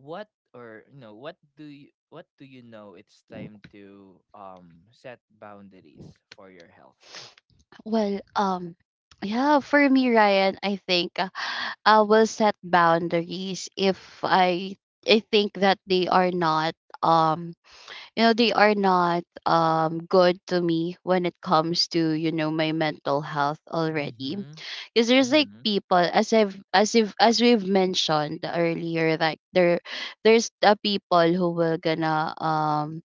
A: what, or you know what do you, what do you know it's time to um set boundaries for your health?
B: Well, um, yeah, for me, Ryan, I think, uh, I will set boundaries if I I think that they are not um you know they are not um good to me when it comes to, you know, my mental health already.
A: Mhm.
B: Because there's, like,
A: Mhm.
B: people, as I've as if as we've mentioned earlier, like there there's the people who will gonna um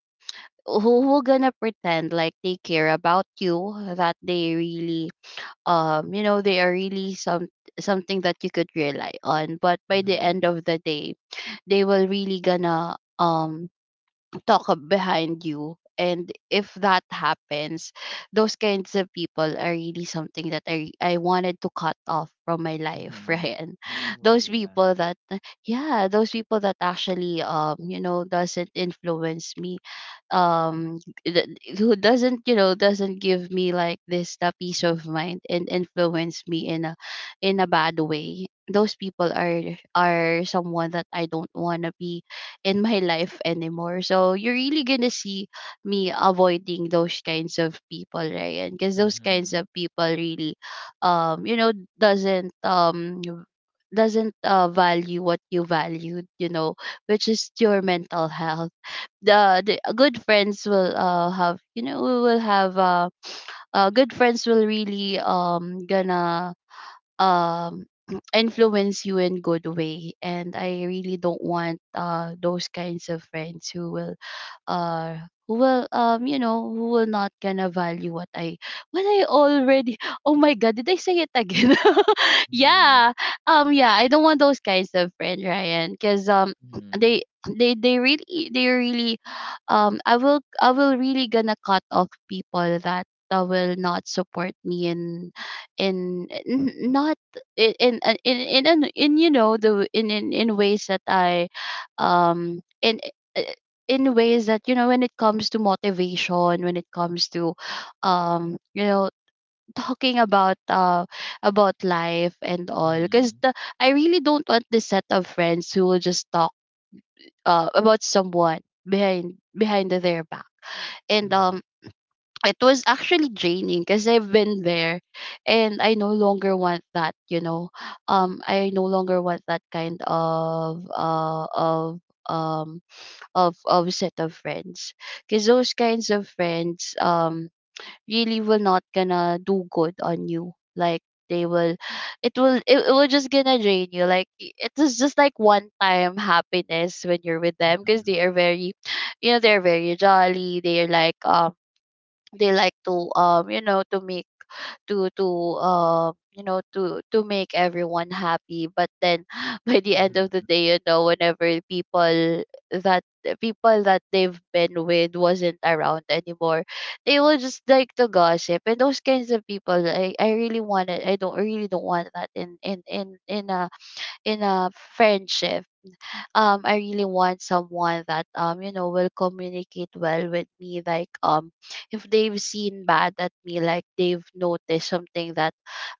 B: who will gonna pretend like they care about you, that they really um you know they are really some something that you could rely on, but by the end
A: Mhm.
B: of the day they will really gonna um talk up behind you. And if that happens, those kinds of people are really something that I I wanted to cut off from my life,
A: Mhm.
B: Ryan.
A: Oh
B: Those
A: yeah.
B: people that yeah, those people that actually, um, you know, doesn't influence me, um th- who doesn't, you know, doesn't give me like this the peace of mind and influence me in a in a bad way, those people are are someone that I don't want to be in my life anymore. So you're really gonna see me avoiding those kinds of people, right? Because those kinds
A: Mhm.
B: of people really, um, you know, doesn't um doesn't uh, value what you valued, you know, which is your mental health. The, the good friends will uh have you know we will have uh, uh good friends will really um gonna um influence you in good way. And I really don't want uh those kinds of friends who will, uh who will um you know who will not gonna value what I what I already oh my god, did I say it again? Yeah.
A: Mhm.
B: Um yeah, I don't want those kinds of friend, Ryan, because um
A: Mhm.
B: they they they really they really um I will, I will really gonna cut off people that that will not support me in in n- not in in in in, in, in you know, the in, in in ways that i um in eh, in ways that, you know, when it comes to motivation, when it comes to, um you know talking about uh about life and all. Because
A: Mhm.
B: the, I really don't want this set of friends who will just talk uh about someone behind behind their back. And
A: Mhm.
B: um it was actually draining, because I've been there and I no longer want that, you know, um I no longer want that kind of uh of um of of set of friends. Because those kinds of friends, um really will not gonna do good on you. Like they will it will it, it will just gonna drain you. Like i- it is just like one time happiness when you're with them, because
A: Mhm.
B: they are very, you know, they're very jolly. They're like, um they like to um you know to make to to uh you know to to make everyone happy, but then by the end of the
A: Mhm.
B: day, you know, whenever people that people that they've been with wasn't around anymore, they will just like to gossip. And those kinds of people, i, I really want it, I don't, I really don't want that in in in in a in a friendship. um I really want someone that, um you know will communicate well with me. Like um if they've seen bad at me, like they've noticed something that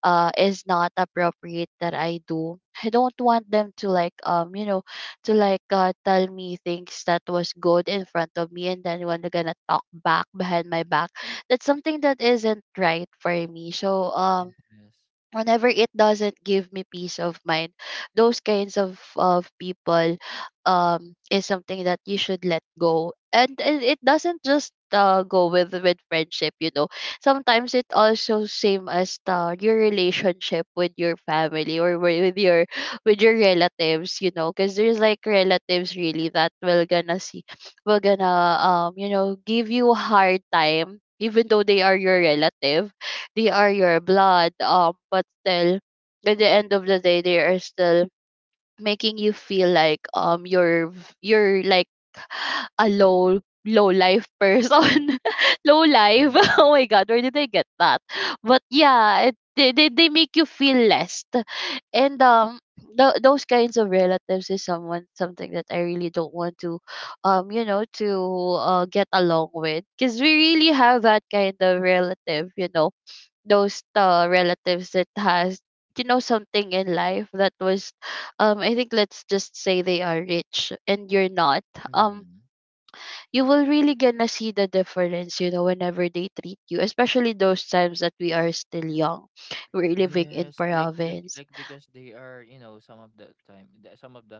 B: uh is not appropriate that I do, I don't want them to like, um you know to like, uh, tell me things that was good in front of me, and then when they're gonna talk back behind my back. That's something that isn't right for me. So um
A: Yes.
B: whenever it doesn't give me peace of mind, those kinds of of people um is something that you should let go, and, and it doesn't just uh, go with with friendship. You know sometimes it also same as the, your relationship with your family or wi- with your with your relatives, you know, because there's like relatives really that will gonna see will gonna um you know give you a hard time even though they are your relative, they are your blood, um but still at the end of the day they are still making you feel like um you're v- you're like a low low life person. Low life.
A: Mhm.
B: Oh my god, where did they get that? But yeah, it, they, they they make you feel less. and um th- those kinds of relatives is someone something that I really don't want to um you know to uh, get along with, because we really have that kind of relative, you know, those uh, relatives that has, you know, something in life that was, um I think, let's just say they are rich and you're not. um
A: Mhm.
B: you will really gonna see the difference, you know, whenever they treat you, especially those times that we are still young, we're living in
A: Yes, like like
B: province.
A: like because they are, you know, some of the time, the- some of the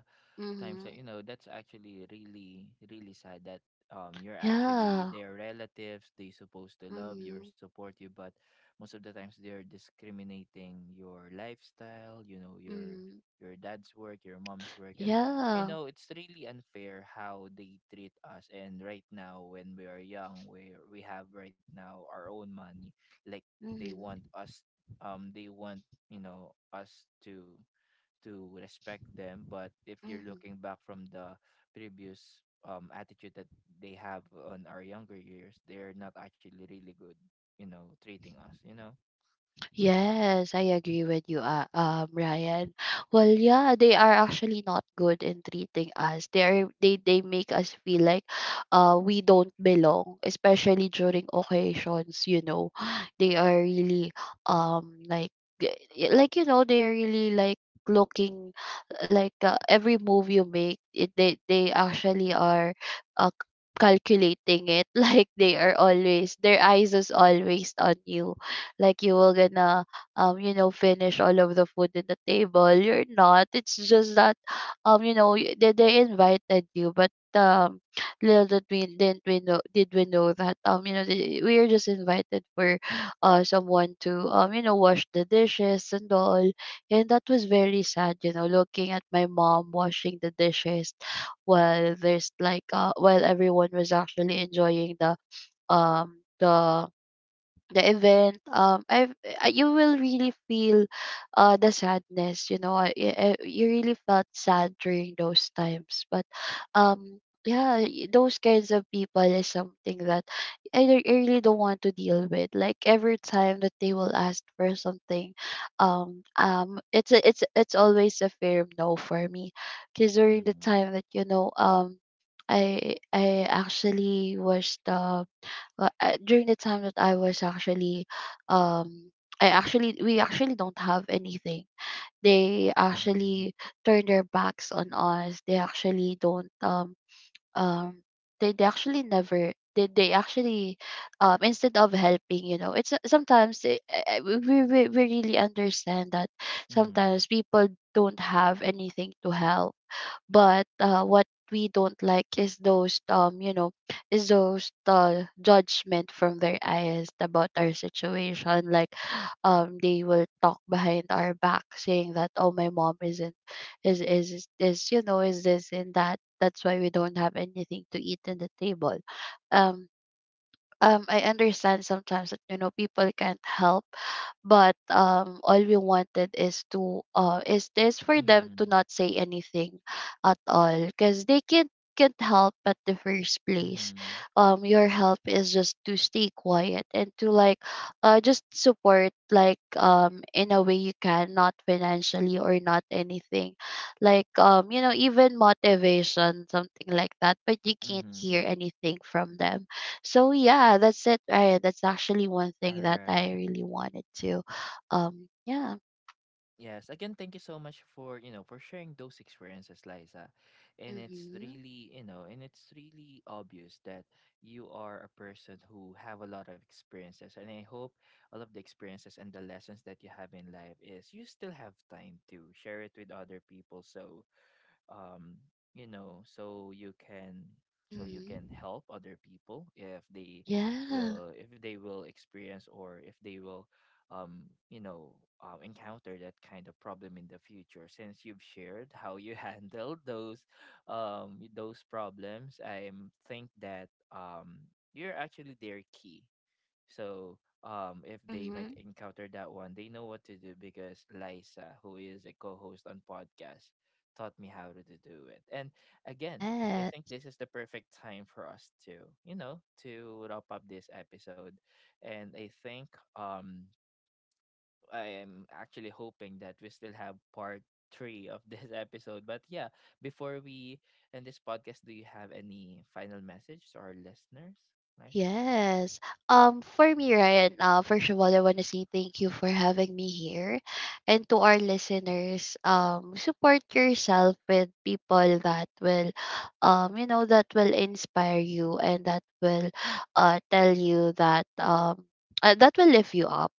A: times
B: Mm-hmm.
A: that you know that's actually really really sad that um you're actually
B: Yeah.
A: their relatives, they supposed to love you or
B: Mm-hmm.
A: support you, but most of the times they're discriminating your lifestyle, you know, your
B: Mm-hmm.
A: your dad's work, your mom's work. And you
B: Yeah.
A: know it's really unfair how they treat us. And right now, when we are young, we we have right now our own money. Like they want
B: Mm-hmm.
A: us um they want you know us to to respect them. But if you're
B: Mm-hmm.
A: looking back from the previous um attitude that they have on our younger years, they're not actually really good you know treating us you know
B: Yes, I agree with you, uh, um, Ryan. Well, yeah, they are actually not good in treating us. They're they they make us feel like, uh, we don't belong, especially during occasions. You know, they are really um like g- y- like, you know, they're really like looking like, uh, every move you make. It, they they actually are, uh, c- calculating it. Like they are always, their eyes is always on you, like you will gonna um you know finish all of the food in the table. You're not, it's just that um you know y- they, they invited you, but um little did we didn't we know did we know that, um you know the- we are just invited for uh someone to, um you know wash the dishes and all. And that was very sad, you know, looking at my mom washing the dishes while there's like uh while everyone was actually enjoying the um the the event. Um I You will really feel uh the sadness, you know. I, I, you really felt sad during those times, but um yeah, y- those kinds of people is something that I, re- I really don't want to deal with, like every time that they will ask for something, um um it's a, it's it's always a firm no for me. Because during the
A: Mm.
B: time that, you know, um I I actually was the, well, uh, during the time that I was actually, um, I actually, we actually don't have anything. They
A: Mhm.
B: actually turn their backs on us. They actually don't um um they, they actually never, they, they actually, um instead of helping, you know, it's uh, sometimes, eh, eh, we, we we we really understand that
A: Mhm.
B: sometimes people don't have anything to help. But uh, what we don't like is those, um you know is those, uh, judgment from their eyes about our situation. Like um they will talk behind our back, saying that, oh, my mom isn't, is is is this, you know, is this and that, that's why we don't have anything to eat in the table. um um I understand sometimes that, you know, people can't help, but um all we wanted is to uh is this for them to
A: Mhm.
B: not say anything at all, because they can't can't help at the first place.
A: Mhm.
B: Um your help is just to stay quiet and to like, uh just support, like, um in a way you can, not financially or not anything, like, um you know even motivation, something like that. But you can't hear
A: Mhm.
B: anything from them. So yeah, that's it. I, that's actually one
A: All
B: thing that
A: right.
B: I really wanted to, um, yeah.
A: Yes, again, thank you so much for, you know, for sharing those experiences, Liza. And it's
B: Mm-hmm.
A: really, you know, and it's really obvious that you are a person who have a lot of experiences. And I hope all of the experiences and the lessons that you have in life, is you still have time to share it with other people. So um you know so you can, so you can
B: Mm-hmm.
A: help other people if they
B: Yeah.
A: will, if they will experience, or if they will um you know uh, encounter that kind of problem in the future, since you've shared how you handled those um those problems. I think that um you're actually their key. So um if they might
B: Mm-hmm.
A: encounter that one, they know what to do, because Lisa, who is a co-host on podcast, taught me how to, to do it. And again, I think
B: Yes.
A: this is the perfect time for us to, you know, to wrap up this episode. And I think um I am actually hoping that we still have part three of this episode. But yeah, before we end this podcast, do you have any final message to our listeners, Liza?
B: Yes. Um, for me, Ryan, uh, first of all, I want to say thank you for having me here. And to our listeners, um, support yourself with people that will, um, you know, that will inspire you, and that will, uh, tell you that, um, uh, that will lift you up.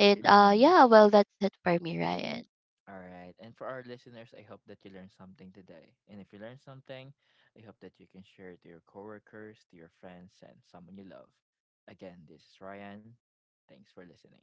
B: And uh,
A: Mm-hmm.
B: yeah, well, that's it for me, Ryan.
A: All right. And for our listeners, I hope that you learned something today. And if you learned something, I hope that you can share it to your coworkers, to your friends, and someone you love. Again, this is Ryan. Thanks for listening.